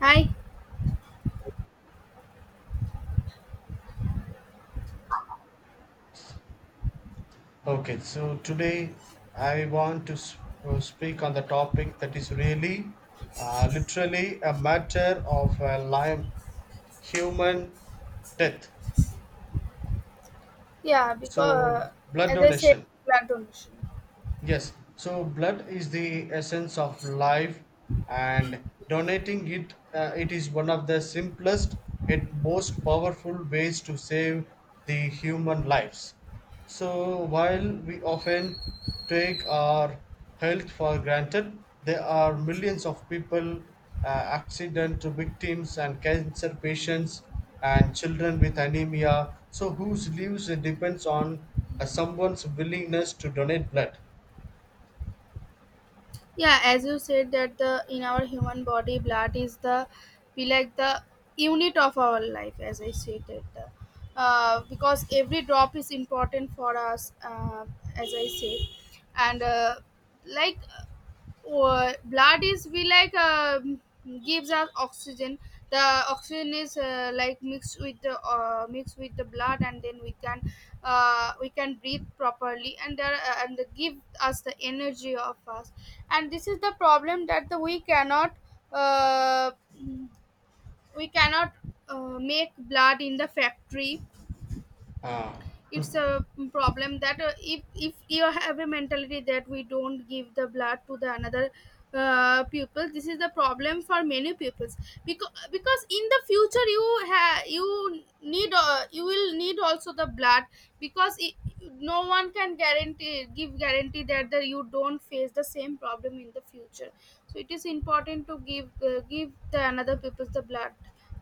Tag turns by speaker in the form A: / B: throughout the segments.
A: Hi.
B: Okay, so today I want to speak on the topic that is really, literally, a matter of life, human death.
A: Yeah,
B: So,
A: because
B: blood
A: as I said,
B: donation.
A: blood donation.
B: Yes, so blood is the essence of life, and donating it is one of the simplest and most powerful ways to save the human lives. So while we often take our health for granted, there are millions of people, accident victims, and cancer patients, and children with anemia, so whose lives depends on someone's willingness to donate blood.
A: Yeah, as you said, that the in our human body, blood is the be like the unit of our life. As I said that, the, because every drop is important for us. As I said, and like Or Blood is we gives us oxygen. The oxygen is like mixed with the blood, and then we can breathe properly, and there and they give us the energy of us. And this is the problem that the, we cannot uh, we cannot make blood in the factory. It's a problem that if you have a mentality that we don't give the blood to the another pupil. This is the problem for many pupils, because in the future you will need also the blood, because it, no one can guarantee that the, you don't face the same problem in the future. So it is important to give the another pupils the blood.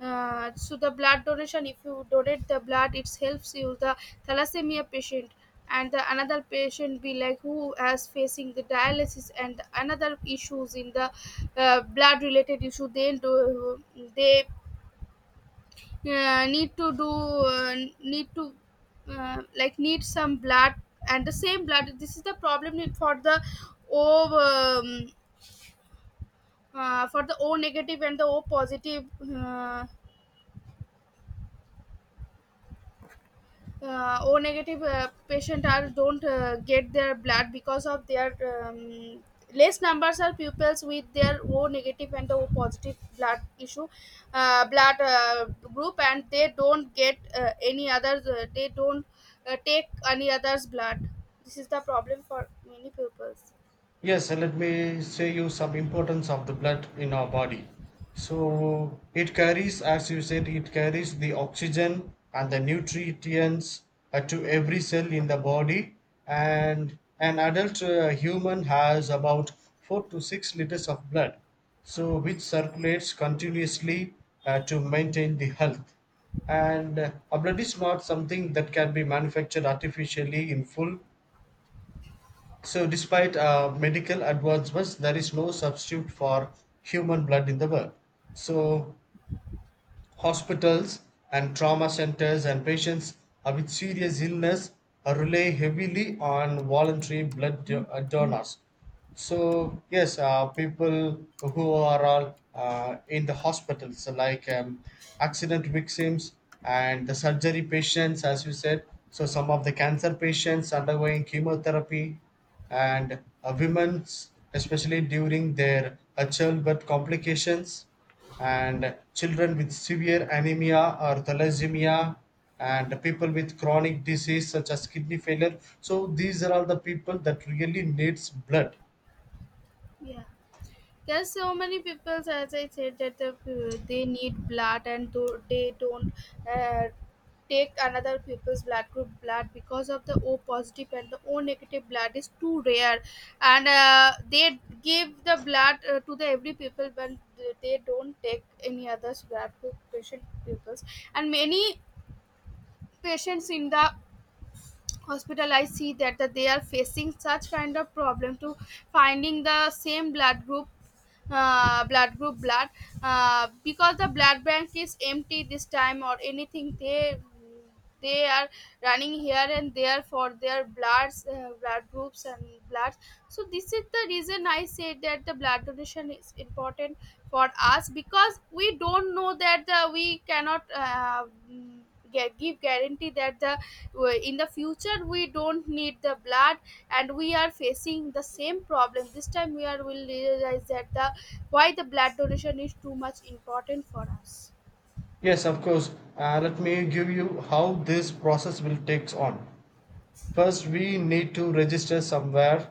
A: So the blood donation, if you donate the blood, it helps you the thalassemia patient and the another patient, be like who has facing the dialysis and another issues in the blood related issue. They do, they need to like need some blood, and the same blood. This is the problem for the o um, for the O negative and the O positive, uh, O negative, patient are don't get their blood because of their less numbers are pupils with their O negative and O positive blood issue, blood, group, and they don't get any other they don't take any other's blood. This is the problem for many pupils.
B: Yes, and let me say you some importance of the blood in our body. So it carries, as you said, it carries the oxygen and the nutrients to every cell in the body. And an adult human has about 4 to 6 liters of blood, so which circulates continuously to maintain the health. And a blood is not something that can be manufactured artificially in full so, despite medical advancements, there is no substitute for human blood in the world. So, hospitals and trauma centers and patients with serious illness rely heavily on voluntary donors. So yes, people who are all in the hospitals, so like accident victims and the surgery patients, as you said. So some of the cancer patients undergoing chemotherapy, and women's, especially during their childbirth complications, and children with severe anemia or thalassemia, and people with chronic disease such as kidney failure, so these are all the people that really needs blood.
A: Yeah. Yes, so many people, as I said, that they need blood, and do, they don't uh, take another people's blood group blood because of the O positive and the O negative blood is too rare, and they give the blood to the every people, but they don't take any other's blood group patient people's. And many patients in the hospital, I see that, that they are facing such kind of problem to finding the same blood group, blood, because the blood bank is empty this time or anything. They are running here and there for their bloods, blood groups and bloods. So this is the reason I said that the blood donation is important for us, because we don't know that we cannot get give guarantee that the in the future we don't need the blood. And we are facing the same problem this time, we are will realize that the why the blood donation is too much important for us.
B: Yes, of course, let me give you how this process will takes on. First, we need to register somewhere.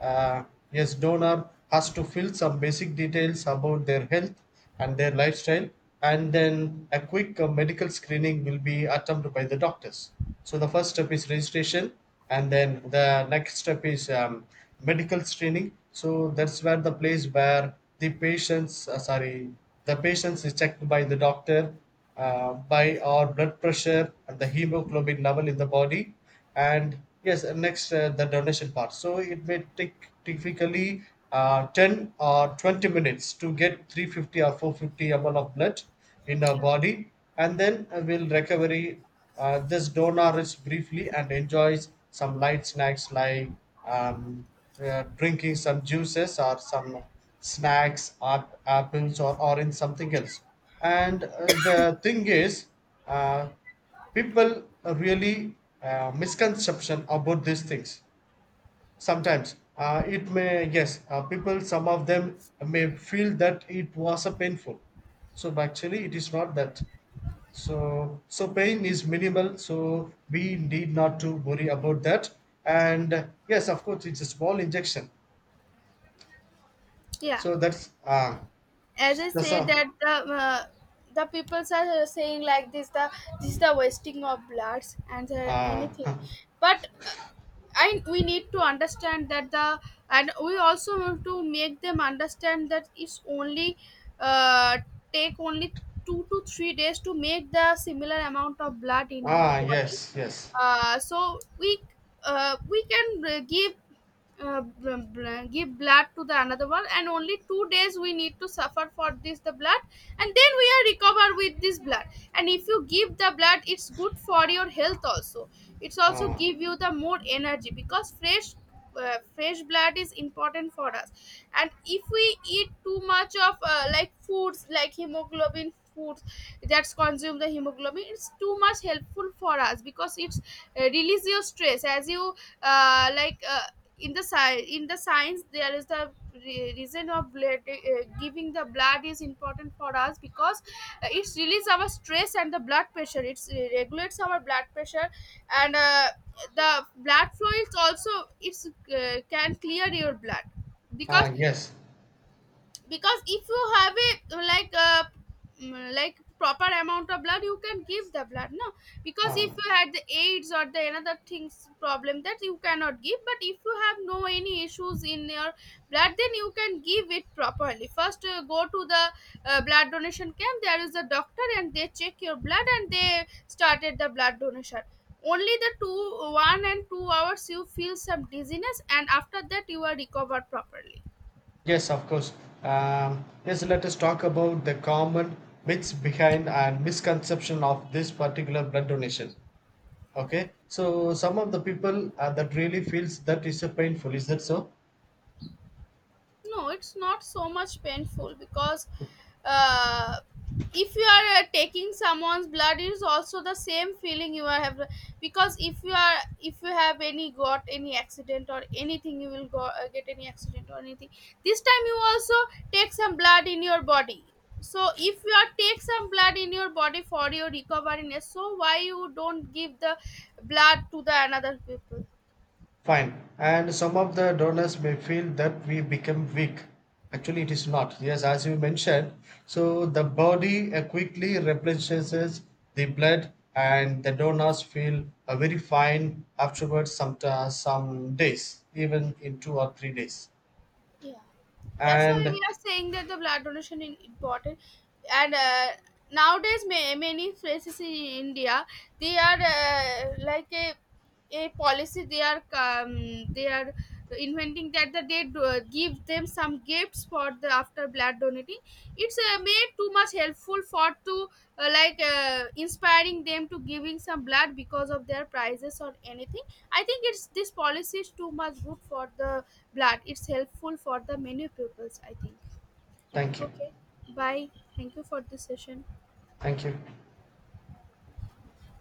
B: Uh, yes, donor has to fill some basic details about their health and their lifestyle, and then a quick medical screening will be attempted by the doctors. So the first step is registration, and then the next step is medical screening. So that's where the place where the patients, sorry, the patients is checked by the doctor by our blood pressure and the hemoglobin level in the body. And yes, next the donation part, so it may take typically 10 or 20 minutes to get 350 or 450 ml of blood in our
A: Yeah.
B: body. And then we'll recovery, this donor rests briefly and enjoys some light snacks like um, drinking some juices or some snacks or apples or orange something else. And the thing is uh, people really misconception about these things sometimes. Uh, it may, yes, people, some of them may feel that it was a painful, so but actually it is not that, so so pain is minimal, so we need not to worry about that. And yes, of course, it's a small injection
A: Yeah,
B: so
A: as I
B: that's
A: said
B: a
A: that the peoples are saying like this, the this is the wasting of bloods and
B: uh,
A: anything. But I, we need to understand that the, and we also have to make them understand that it's only uh, take only 2 to 3 days to make the similar amount of blood in our
B: ah yes
A: body.
B: yes
A: So we can give, give blood to the another one, and only 2 days we need to suffer for this the blood, and then we are recover with this blood. And if you give the blood, it's good for your health also. It's also
B: ah
A: give you the more energy, because fresh, fresh blood is important for us. And if we eat too much of like foods, like hemoglobin foods, that's consume the hemoglobin, it's too much helpful for us, because it's release your stress. As you uh, like uh, in the in the science, there is the reason of blood, giving the blood is important for us, because it releases our stress and the blood pressure, it regulates our blood pressure. And the blood flow is also, it's can clear your blood. Because
B: ah yes
A: if you have a, like like proper amount of blood, you can give the blood, no, because if
B: ah.
A: you had the AIDS or the another things problem, that you cannot give. But if you have no any issues in your blood, then you can give it properly. First, go to the blood donation camp. There is a doctor and they check your blood and they started the blood donation. Only the two, one and 2 hours you feel some dizziness, and after that you are recovered properly.
B: Yes, of course. Yes, let us talk about the common myths behind and misconception of this particular blood donation. Okay, so some of the people that really feels that is a painful. Is that so?
A: No, it's not so much painful, because uh, if you are taking someone's blood, it is also the same feeling you are have. Because if you are, if you have any, got any accident or anything, you will go get any accident or anything, this time you also take some blood in your body. So if you are take some blood in your body for your recovery, so why you don't give the blood to the another people.
B: Fine. And some of the donors may feel that we become weak. Actually, it is not. Yes, as you mentioned, so the body quickly replenishes the blood, and the donors feel very fine afterwards, some days, even in 2 or 3 days.
A: Yeah, that's why
B: And
A: we are saying that the blood donation is important. And nowadays, many places in India, they are like a policy. They are inventing that the they do, give them some gifts for the after blood donating. It's made too much helpful for to inspiring them to giving some blood because of their prizes or anything. I think it's this policy is too much good for the blood. It's helpful for the many pupils, I think.
B: thank you.
A: Okay. Bye. Thank you for this session.
B: Thank you.